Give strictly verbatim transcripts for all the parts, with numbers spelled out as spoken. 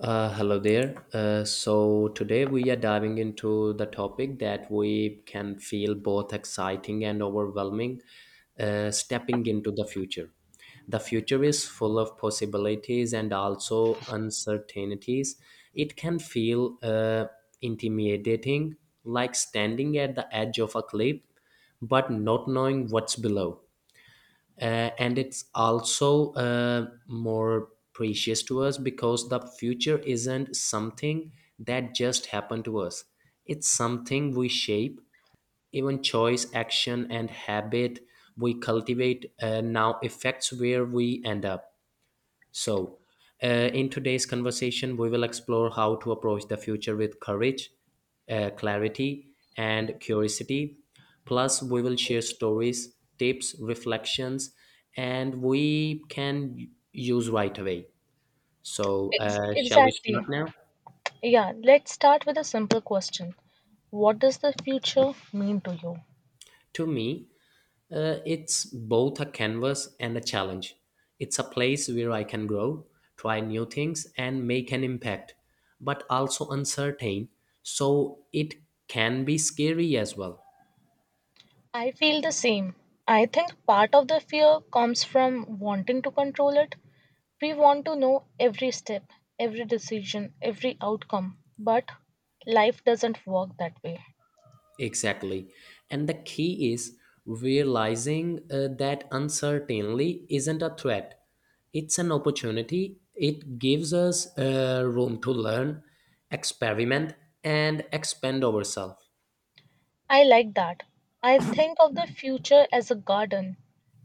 Uh, hello there. Uh, so today we are diving into the topic that we can feel both exciting and overwhelming, uh, stepping into the future. The future is full of possibilities and also uncertainties. It can feel uh, intimidating, like standing at the edge of a cliff, but not knowing what's below. Uh, and it's also uh, more precious to us, because the future isn't something that just happened to us. It's something we shape. Even choice, action and habit we cultivate uh, now affects where we end up. So, uh, in today's conversation, we will explore how to approach the future with courage, uh, clarity, and curiosity. Plus, we will share stories, tips, reflections, and we can use right away. So, Ex- uh, shall we start Exactly. now? Yeah, let's start with a simple question. What does the future mean to you? To me, Uh, it's both a canvas and a challenge. It's a place where I can grow, try new things, and make an impact, but also uncertain, so it can be scary as well. I feel the same. I think part of the fear comes from wanting to control it. We want to know every step, every decision, every outcome, but life doesn't work that way. Exactly. And the key is realizing uh, that uncertainty isn't a threat, it's an opportunity. It gives us uh, room to learn, experiment, and expand ourselves. I like that. I think of the future as a garden.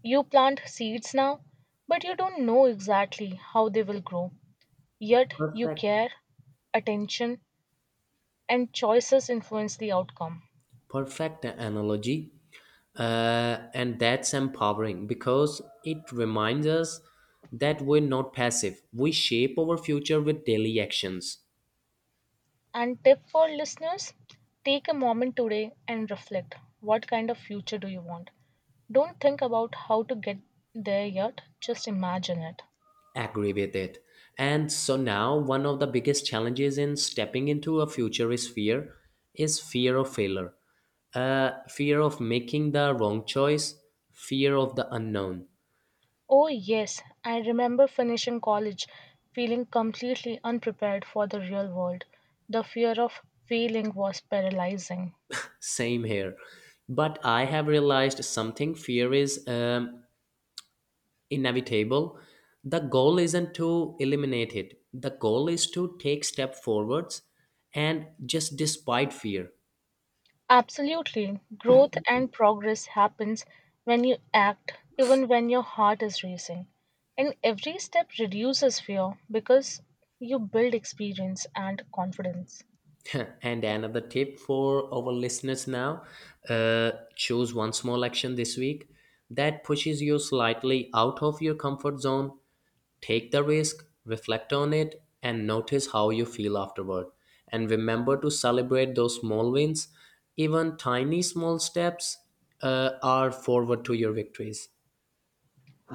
You plant seeds now, but you don't know exactly how they will grow. Yet you Perfect. care, attention, and choices influence the outcome. Perfect analogy. Uh, and that's empowering because it reminds us that we're not passive, we shape our future with daily actions. And tip for listeners, take a moment today and reflect, what kind of future do you want? Don't think about how to get there yet, just imagine it. Agree with it. And so now, one of the biggest challenges in stepping into a future is fear, is fear of failure, uh, fear of making the wrong choice, fear of the unknown. Oh, yes, I remember finishing college feeling completely unprepared for the real world. The fear of failing was paralyzing. Same here, but I have realized something. Fear is um, inevitable. The goal isn't to eliminate it, the goal is to take step forwards and just despite fear. Absolutely. Growth and progress happens when you act, even when your heart is racing. And every step reduces fear because you build experience and confidence. And another tip for our listeners now, uh, choose one small action this week that pushes you slightly out of your comfort zone. Take the risk, reflect on it, and notice how you feel afterward. And remember to celebrate those small wins, even tiny small steps uh, are forward to your victories.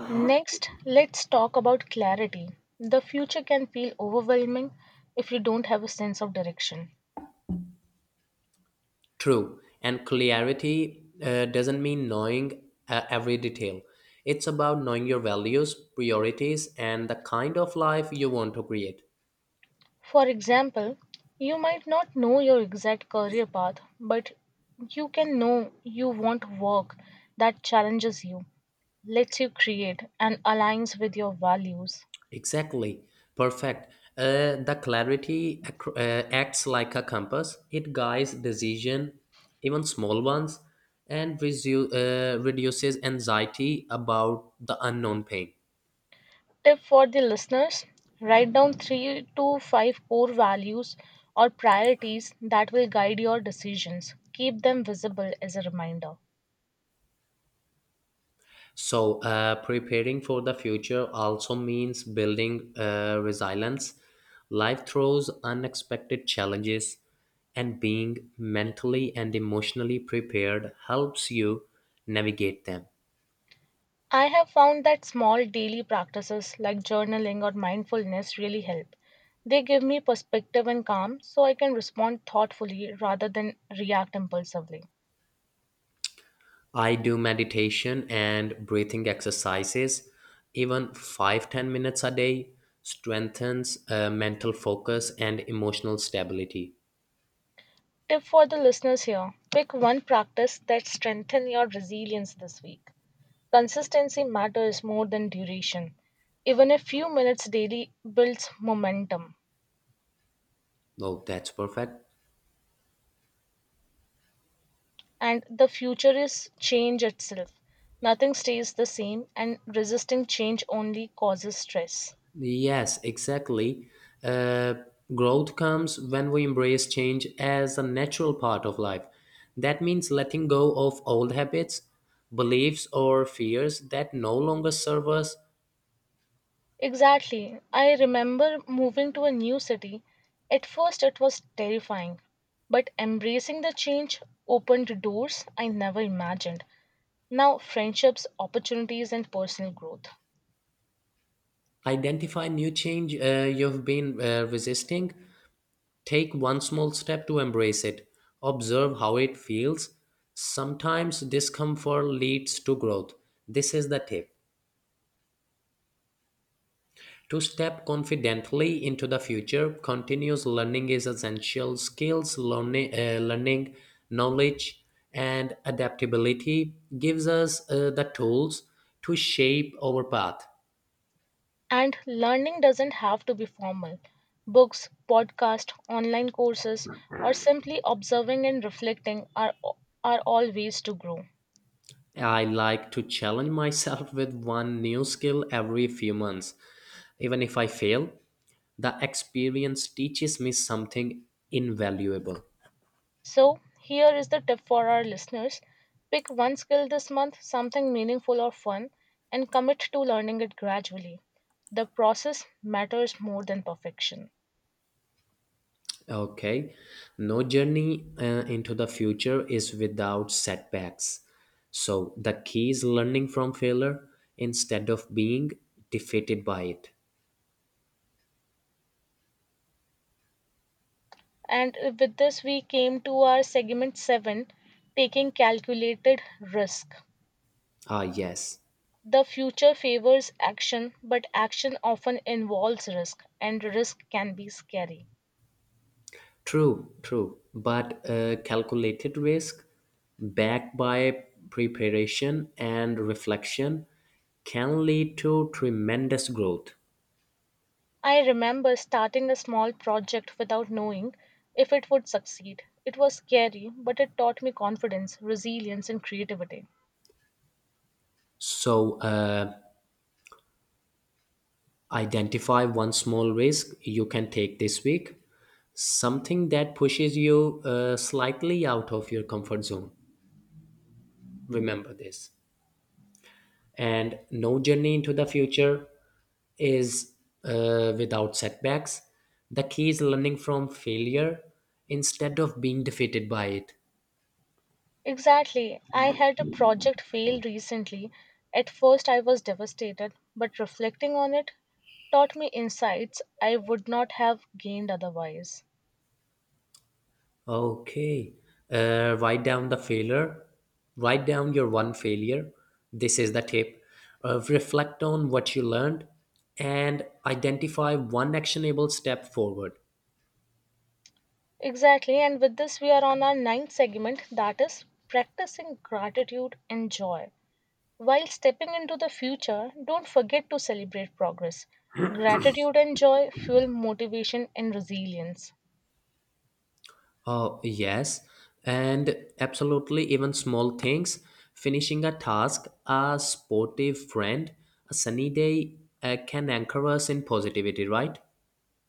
Next, let's talk about clarity. The future can feel overwhelming if you don't have a sense of direction. True, and clarity uh, doesn't mean knowing uh, every detail. It's about knowing your values, priorities, and the kind of life you want to create. For example, you might not know your exact career path, but you can know you want work that challenges you, lets you create, and aligns with your values. Exactly, perfect. Uh, the clarity ac- uh, acts like a compass. It guides decision, even small ones, and resu- uh, reduces anxiety about the unknown pain. Tip for the listeners, write down three to five core values or priorities that will guide your decisions. Keep them visible as a reminder. So, uh, preparing for the future also means building uh, resilience. Life throws unexpected challenges, and being mentally and emotionally prepared helps you navigate them. I have found that small daily practices like journaling or mindfulness really help. They give me perspective and calm so I can respond thoughtfully rather than react impulsively. I do meditation and breathing exercises, even five ten minutes a day strengthens uh, mental focus and emotional stability. Tip for the listeners here, pick one practice that strengthens your resilience this week. Consistency matters more than duration. Even a few minutes daily builds momentum. Oh, that's perfect. And the future is change itself. Nothing stays the same, and resisting change only causes stress. Yes, exactly. Uh, growth comes when we embrace change as a natural part of life. That means letting go of old habits, beliefs, or fears that no longer serve us. Exactly. I remember moving to a new city. At first, it was terrifying, but embracing the change opened doors I never imagined. Now, friendships, opportunities, and personal growth. Identify new change uh, you've been uh, resisting. Take one small step to embrace it. Observe how it feels. Sometimes discomfort leads to growth. This is the tip. To step confidently into the future, continuous learning is essential. Skills, learning, uh, learning knowledge, and adaptability gives us uh, the tools to shape our path. And learning doesn't have to be formal. Books, podcasts, online courses, or simply observing and reflecting are, are all ways to grow. I like to challenge myself with one new skill every few months. Even if I fail, the experience teaches me something invaluable. So, here is the tip for our listeners, pick one skill this month, something meaningful or fun, and commit to learning it gradually. The process matters more than perfection. Okay. No journey uh, into the future is without setbacks. So the key is learning from failure instead of being defeated by it. And with this, we came to our segment seven, taking calculated risk. Ah, yes. The future favors action, but action often involves risk, and risk can be scary. True, true. But uh, calculated risk, backed by preparation and reflection, can lead to tremendous growth. I remember starting a small project without knowing if it would succeed. It was scary, but it taught me confidence, resilience, and creativity. So, uh, identify one small risk you can take this week, something that pushes you uh, slightly out of your comfort zone. Remember this. And no journey into the future is uh, without setbacks. The key is learning from failure instead of being defeated by it. Exactly. I had a project fail recently. At first, I was devastated, but reflecting on it taught me insights I would not have gained otherwise. Okay. Uh, write down the failure. Write down your one failure. This is the tip. Uh, reflect on what you learned and identify one actionable step forward. Exactly, and with this, we are on our ninth segment, that is practicing gratitude and joy. While stepping into the future, don't forget to celebrate progress. Gratitude and joy fuel motivation and resilience. Oh, yes. And absolutely, even small things. Finishing a task, a sportive friend, a sunny day uh, can anchor us in positivity, right?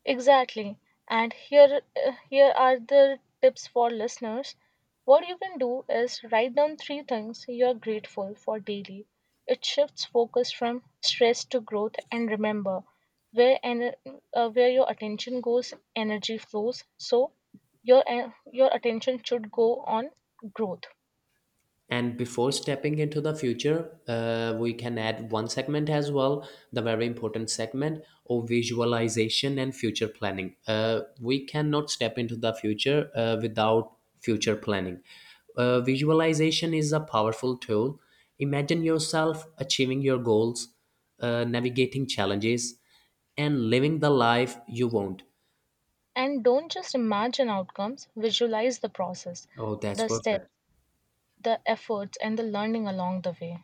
Exactly. And here, uh, here are the tips for listeners. What you can do is write down three things you are grateful for daily. It shifts focus from stress to growth, and remember, where en- uh, where your attention goes, energy flows. So your en- your attention should go on growth. And before stepping into the future, uh, we can add one segment as well, the very important segment of visualization and future planning. Uh, we cannot step into the future uh, without future planning. Uh, visualization is a powerful tool. Imagine yourself achieving your goals, uh, navigating challenges, and living the life you want. And don't just imagine outcomes. Visualize the process, Oh, that's the steps, perfect. the efforts, and the learning along the way.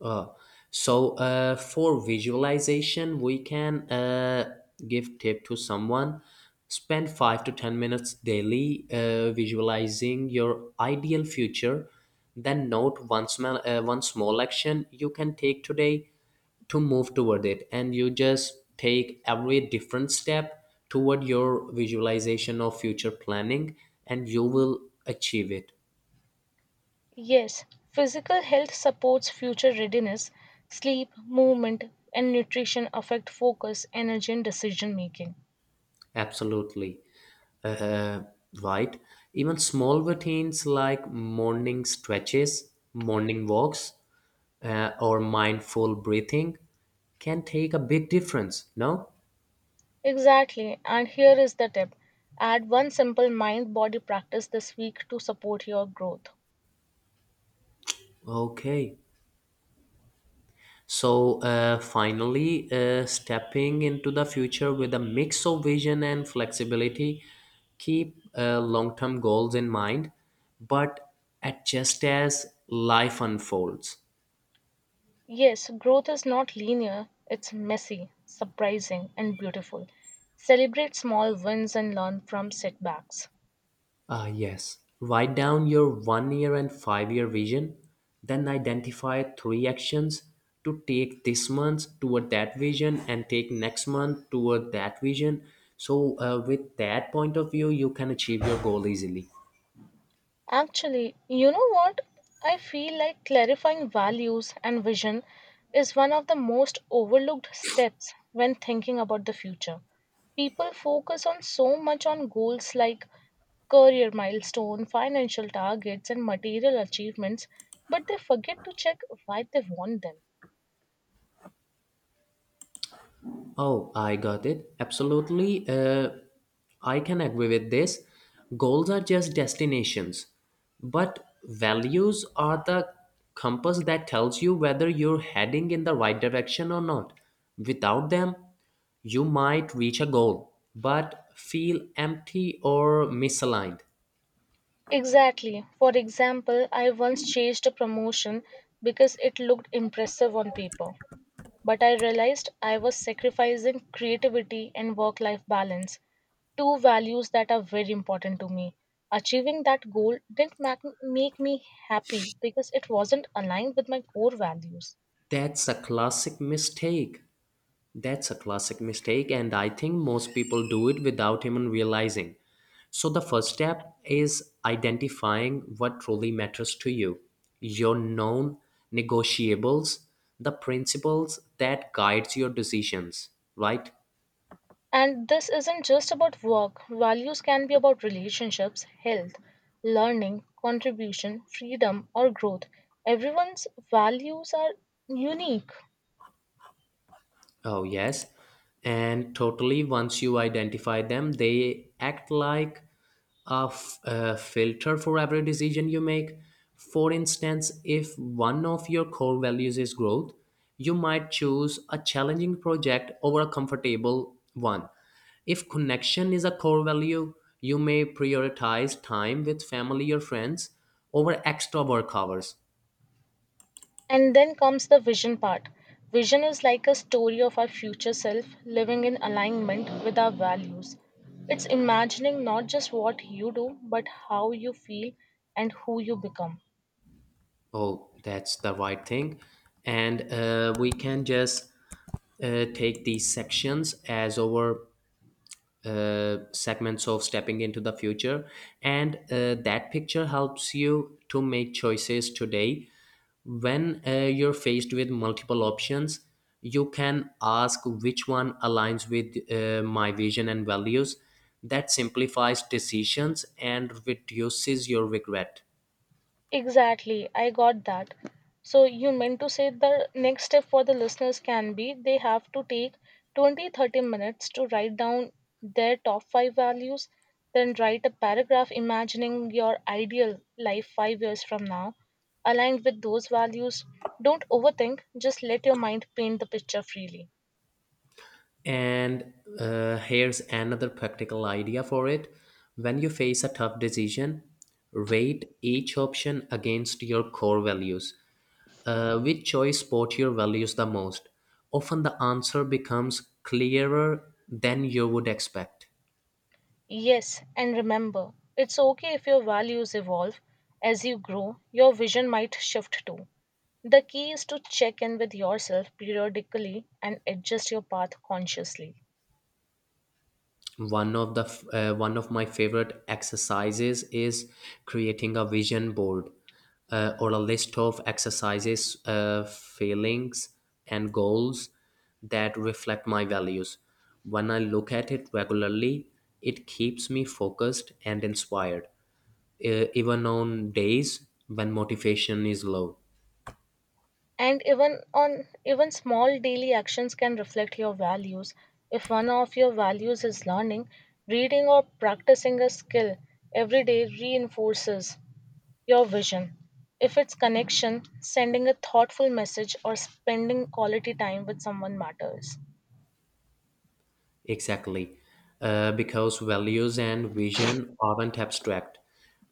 Uh, so uh, for visualization, we can uh, give tip to someone. Spend five to ten minutes daily uh, visualizing your ideal future. Then note one small, uh, one small action you can take today to move toward it, and you just take every different step toward your visualization of future planning, and you will achieve it. Yes, physical health supports future readiness. Sleep, movement, and nutrition affect focus, energy, and decision making. Absolutely. uh, right? Even small routines like morning stretches, morning walks, uh, or mindful breathing can take a big difference. No? Exactly, and here is the tip, add one simple mind body practice this week to support your growth. Okay. So, uh, finally, uh, stepping into the future with a mix of vision and flexibility, keep uh, long term goals in mind, but adjust as life unfolds. Yes, growth is not linear, it's messy, surprising, and beautiful. Celebrate small wins and learn from setbacks. Ah yes. Write down your one year and five year vision, then identify three actions to take this month toward that vision and take next month toward that vision. So, uh, with that point of view, you can achieve your goal easily. Actually, you know what? I feel like clarifying values and vision is one of the most overlooked steps when thinking about the future. People focus on so much on goals like career milestone, financial targets, and material achievements, but they forget to check why they want them. Oh, I got it. Absolutely. Uh, I can agree with this. Goals are just destinations, but values are the compass that tells you whether you're heading in the right direction or not. Without them, you might reach a goal, but feel empty or misaligned. Exactly. For example, I once chased a promotion because it looked impressive on paper, but I realized I was sacrificing creativity and work life balance, two values that are very important to me. Achieving that goal didn't mac- make me happy because it wasn't aligned with my core values. That's a classic mistake. That's a classic mistake, and I think most people do it without even realizing. So, the first step is identifying what truly matters to you, your known negotiables, the principles that guides your decisions, right? And this isn't just about work, values can be about relationships, health, learning, contribution, freedom, or growth. Everyone's values are unique. Oh, yes. And totally, once you identify them, they act like a, f- a filter for every decision you make. For instance, if one of your core values is growth, you might choose a challenging project over a comfortable one. If connection is a core value, you may prioritize time with family or friends over extra work hours. And then comes the vision part. Vision is like a story of our future self living in alignment with our values. It's imagining not just what you do, but how you feel and who you become. Oh, that's the right thing. And uh, we can just uh, take these sections as our uh, segments of stepping into the future. And uh, that picture helps you to make choices today. When uh, you're faced with multiple options, you can ask which one aligns with uh, my vision and values. That simplifies decisions and reduces your regret. Exactly, I got that. So you meant to say the next step for the listeners can be they have to take twenty thirty minutes to write down their top five values, then write a paragraph imagining your ideal life five years from now aligned with those values. Don't overthink, just let your mind paint the picture freely. And uh, here's another practical idea for it. When you face a tough decision, rate each option against your core values. Uh, which choice supports your values the most? Often the answer becomes clearer than you would expect. Yes, and remember, it's okay if your values evolve as you grow, your vision might shift too. The key is to check in with yourself periodically and adjust your path consciously. one of the f- uh, one of my favorite exercises is creating a vision board uh, or a list of exercises, uh, feelings and goals that reflect my values. When I look at it regularly, it keeps me focused and inspired, uh, even on days when motivation is low. And even on even small daily actions can reflect your values. If one of your values is learning, reading or practicing a skill every day reinforces your vision. If it's connection, sending a thoughtful message or spending quality time with someone matters. Exactly. Uh, because values and vision aren't abstract,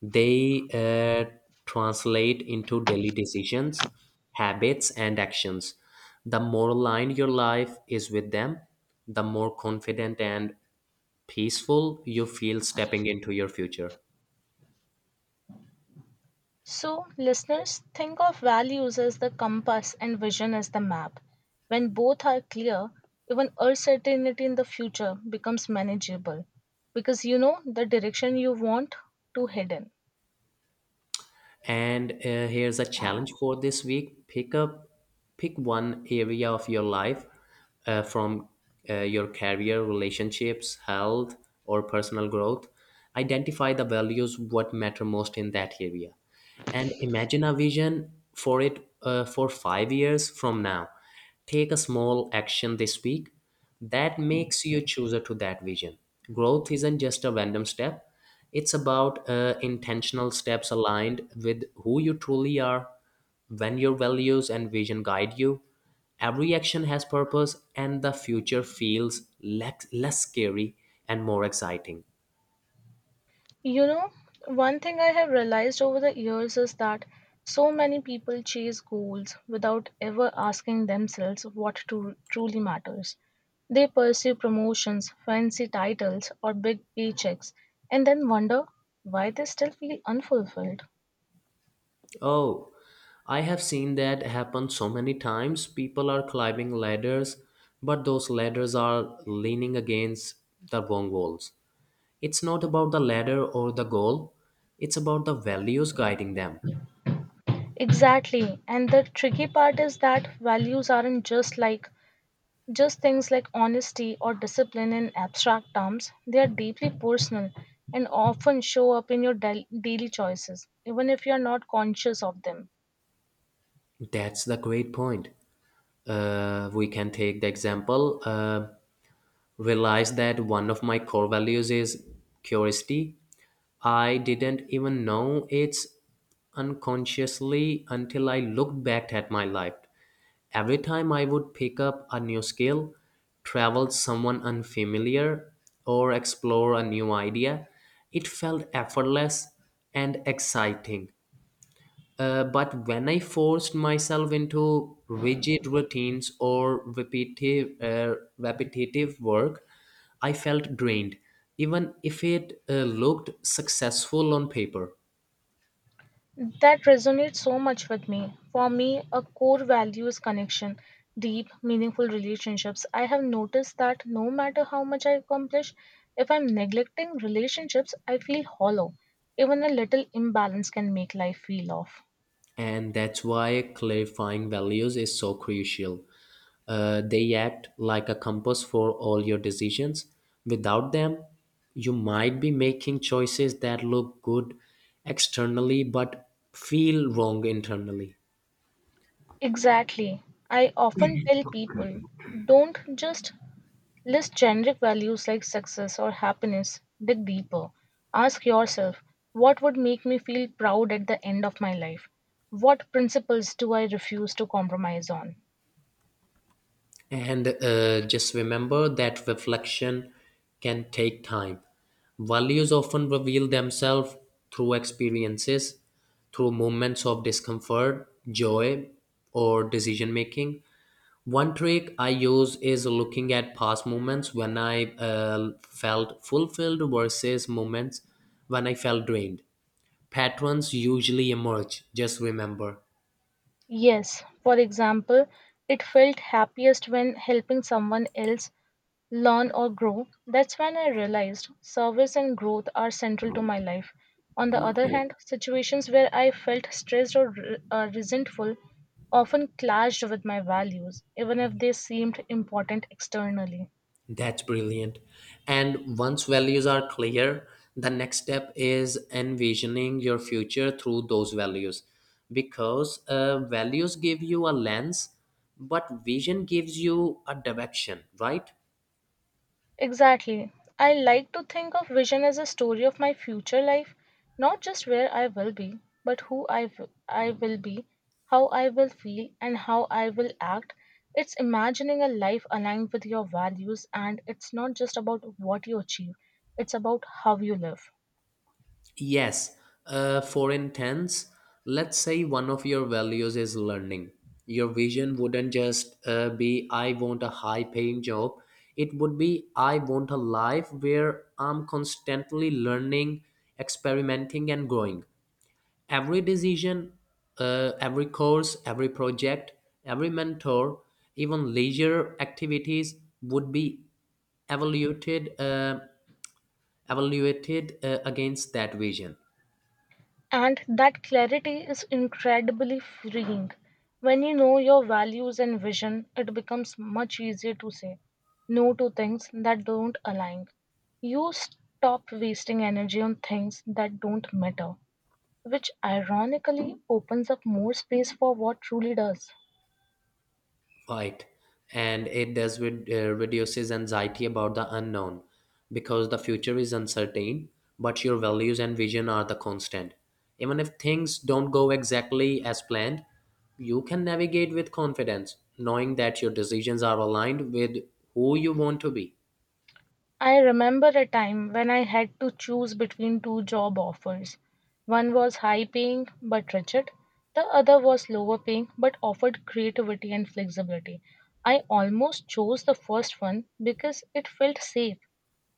they uh, translate into daily decisions, habits, and actions. The more aligned your life is with them, the more confident and peaceful you feel stepping into your future. So, listeners, think of values as the compass and vision as the map. When both are clear, even uncertainty in the future becomes manageable because you know the direction you want to head in. And uh, here's a challenge for this week: pick up, pick one area of your life, uh, from uh, your career, relationships, health, or personal growth. Identify the values what matter most in that area, and imagine a vision for it uh, for five years from now. Take a small action this week that makes you a chooser to that vision. Growth isn't just a random step, it's about uh, intentional steps aligned with who you truly are, when your values and vision guide you. Every action has purpose, and the future feels less, less scary and more exciting. You know, one thing I have realized over the years is that so many people chase goals without ever asking themselves what to, truly matters. They pursue promotions, fancy titles, or big paychecks, and then wonder why they still feel unfulfilled. Oh, I have seen that happen so many times. People are climbing ladders, but those ladders are leaning against the wrong walls. It's not about the ladder or the goal, it's about the values guiding them. Exactly, and the tricky part is that values aren't just like Just things like honesty or discipline in abstract terms, they are deeply personal and often show up in your dai- daily choices, even if you are not conscious of them. That's the great point. Uh, we can take the example. Uh, realized that one of my core values is curiosity. I didn't even know it's unconsciously until I looked back at my life. Every time I would pick up a new skill, travel someone unfamiliar, or explore a new idea, it felt effortless and exciting. Uh, but when I forced myself into rigid routines or repetitive, uh, repetitive work, I felt drained, even if it uh, looked successful on paper. That resonates so much with me. For me, a core value is connection, deep, meaningful relationships. I have noticed that no matter how much I accomplish, if I'm neglecting relationships, I feel hollow. Even a little imbalance can make life feel off. And that's why clarifying values is so crucial. Uh, they act like a compass for all your decisions. Without them, you might be making choices that look good externally but feel wrong internally. Exactly. I often tell people, don't just list generic values like success or happiness, dig deeper. Ask yourself, what would make me feel proud at the end of my life? What principles do I refuse to compromise on? And uh, just remember that reflection can take time. Values often reveal themselves through experiences, through moments of discomfort, joy, or decision making. One trick I use is looking at past moments when I uh, felt fulfilled versus moments when I felt drained. Patterns usually emerge, just remember. Yes, for example, it felt happiest when helping someone else learn or grow. That's when I realized service and growth are central to my life. On the other hand, situations where I felt stressed or re- uh, resentful often clashed with my values, even if they seemed important externally. That's brilliant. And once values are clear, the next step is envisioning your future through those values. Because uh, values give you a lens, but vision gives you a direction, right? Exactly. I like to think of vision as a story of my future life, not just where I will be, but who I w- I will be, how I will feel, and how I will act. It's imagining a life aligned with your values, and it's not just about what you achieve, it's about how you live. Yes, uh, for instance, let's say one of your values is learning. Your vision wouldn't just uh, be, I want a high paying job. It would be, I want a life where I'm constantly learning, experimenting, and growing. Every decision, uh, every course, every project, every mentor, even leisure activities would be evaluated, uh, evaluated uh, against that vision. And that clarity is incredibly freeing. When you know your values and vision, it becomes much easier to say no to things that don't align. You stop wasting energy on things that don't matter, which ironically opens up more space for what truly does. Right. And it does with, uh, reduces anxiety about the unknown, because the future is uncertain, but your values and vision are the constant. Even if things don't go exactly as planned, you can navigate with confidence, knowing that your decisions are aligned with who you want to be. I remember a time when I had to choose between two job offers. One was high paying but rigid, the other was lower paying but offered creativity and flexibility. I almost chose the first one because it felt safe,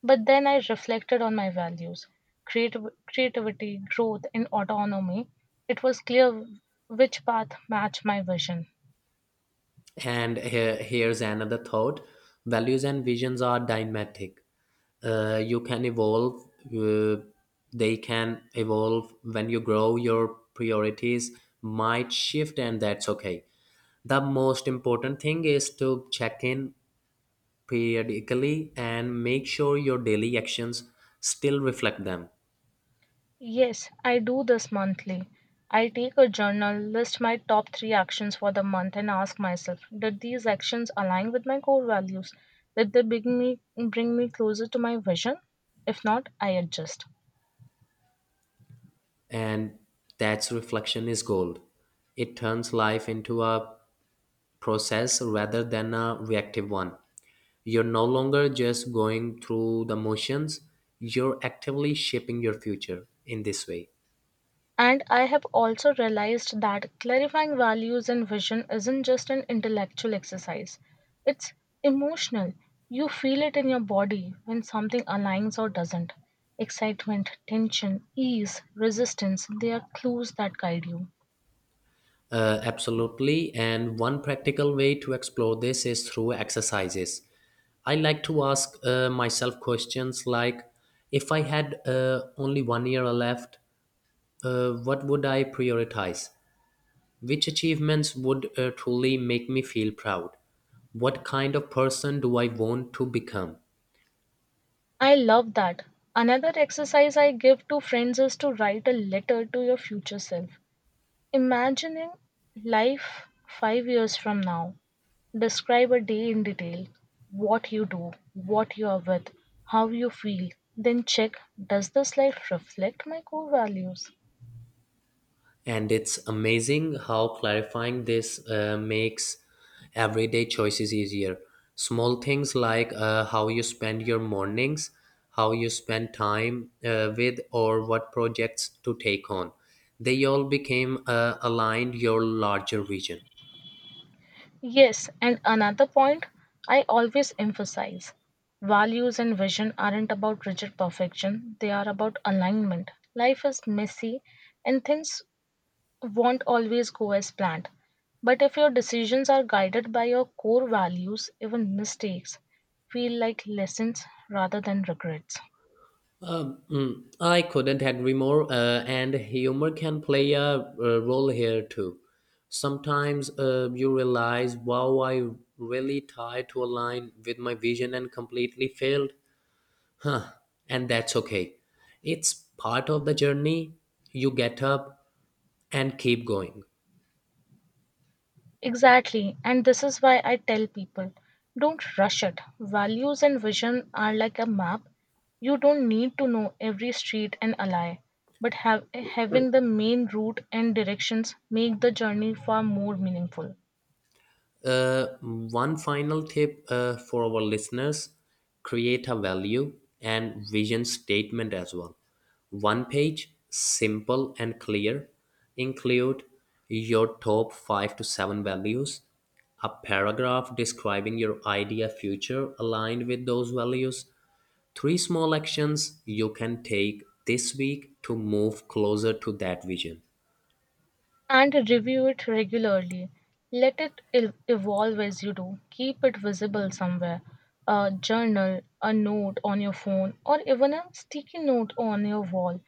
but then I reflected on my values, creativ- creativity, growth, and autonomy. It was clear which path matched my vision. And here, here's another thought. Values and visions are dynamic. Uh, you can evolve, uh, they can evolve. When you grow, your priorities might shift, and that's okay. The most important thing is to check in periodically and make sure your daily actions still reflect them. Yes, I do this monthly. I take a journal, list my top three actions for the month, and ask myself, did these actions align with my core values? Did they bring me, bring me closer to my vision? If not, I adjust. And that's reflection is gold. It turns life into a process rather than a reactive one. You're no longer just going through the motions. You're actively shaping your future in this way. And I have also realized that clarifying values and vision isn't just an intellectual exercise, it's emotional. You feel it in your body when something aligns or doesn't. Excitement, tension, ease, resistance, they are clues that guide you. Uh, absolutely. And one practical way to explore this is through exercises. I like to ask uh, myself questions like, if I had uh, only one year left, uh, what would I prioritize? Which achievements would uh, truly make me feel proud? What kind of person do I want to become? I love that. Another exercise I give to friends is to write a letter to your future self. Imagining life five years from now. Describe a day in detail, what you do, what you are with, how you feel, then check, does this life reflect my core values? And it's amazing how clarifying this uh, makes everyday choices easier. Small things like uh, how you spend your mornings, how you spend time uh, with, or what projects to take on, they all became uh, aligned your larger vision. Yes, and another point I always emphasize, values and vision aren't about rigid perfection, they are about alignment. Life is messy and things won't always go as planned. But if your decisions are guided by your core values, even mistakes feel like lessons rather than regrets. Mm, I couldn't agree more, uh, and humor can play a, uh role here too. Sometimes uh, you realize, wow, I really tried to align with my vision and completely failed. Huh, and that's okay. It's part of the journey. You get up and keep going. Exactly, and this is why I tell people, don't rush it. Values and vision are like a map. You don't need to know every street and alley, but have, having the main route and directions make the journey far more meaningful. Uh, one final tip uh, for our listeners, create a value and vision statement as well. One page, simple and clear. Include your top five to seven values, a paragraph describing your idea future aligned with those values, three small actions you can take this week to move closer to that vision. And review it regularly. Let it el- evolve as you do. Keep it visible somewhere, a journal, a note on your phone, or even a sticky note on your wall.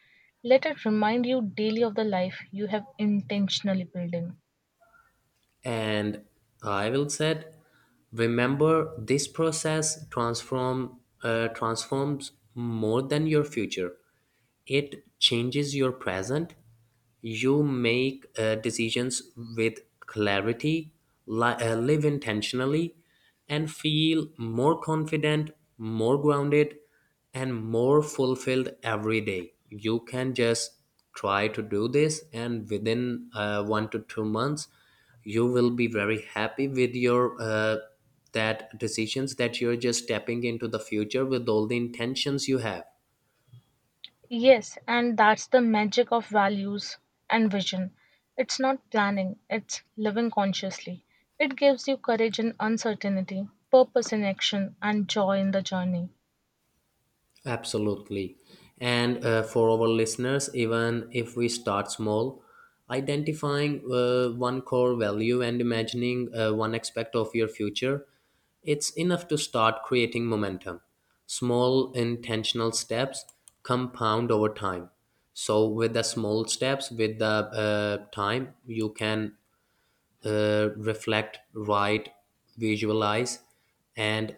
Let it remind you daily of the life you have intentionally building. And I will said, remember, this process transform uh, transforms more than your future. It changes your present. You make uh, decisions with clarity, li- uh, live intentionally, and feel more confident, more grounded, and more fulfilled every day. You can just try to do this, and within uh, one to two months, you will be very happy with your uh, that decisions that you're just stepping into the future with all the intentions you have. Yes, and that's the magic of values and vision. It's not planning, it's living consciously. It gives you courage in uncertainty, purpose in action, and joy in the journey. Absolutely. And uh, for our listeners, even if we start small, identifying uh, one core value and imagining uh, one aspect of your future, it's enough to start creating momentum. Small intentional steps compound over time. So, with the small steps, with the uh, time, you can uh, reflect, write, visualize, and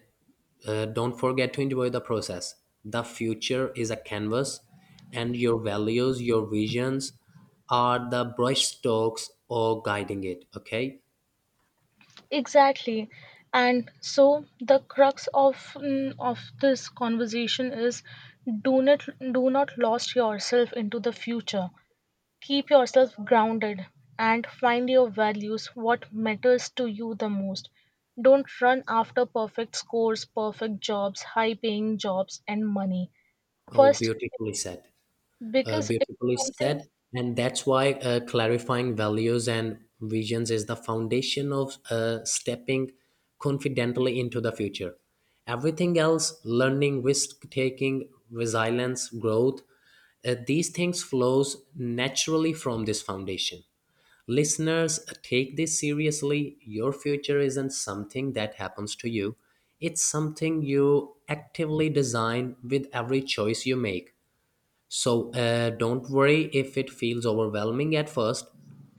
uh, don't forget to enjoy the process. The future is a canvas, and your values, your visions are the brush strokes or guiding it. Okay? Exactly. And so the crux of mm, of this conversation is do not do not lost yourself into the future. Keep yourself grounded and find your values, what matters to you the most. Don't run after perfect scores, perfect jobs, high paying jobs and money. Oh, First beautifully said. Uh, because it's Beautifully something. said. And that's why uh, clarifying values and visions is the foundation of uh, stepping confidently into the future. Everything else, learning, risk taking, resilience, growth, uh, these things flows naturally from this foundation. Listeners, take this seriously. Your future isn't something that happens to you, it's something you actively design with every choice you make. So uh, don't worry if it feels overwhelming at first.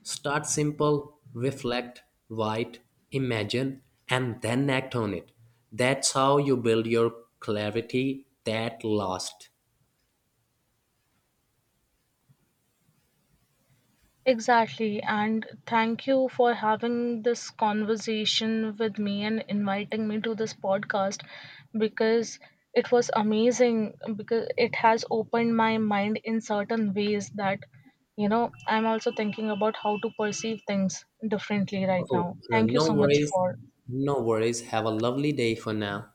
Start simple, reflect, write, imagine, and then act on it. That's how you build your clarity that lasts. Exactly. And thank you for having this conversation with me and inviting me to this podcast because it was amazing because it has opened my mind in certain ways that, you know, I'm also thinking about how to perceive things differently right now. Oh, uh, Thank you no so much worries. for No worries. Have a lovely day for now.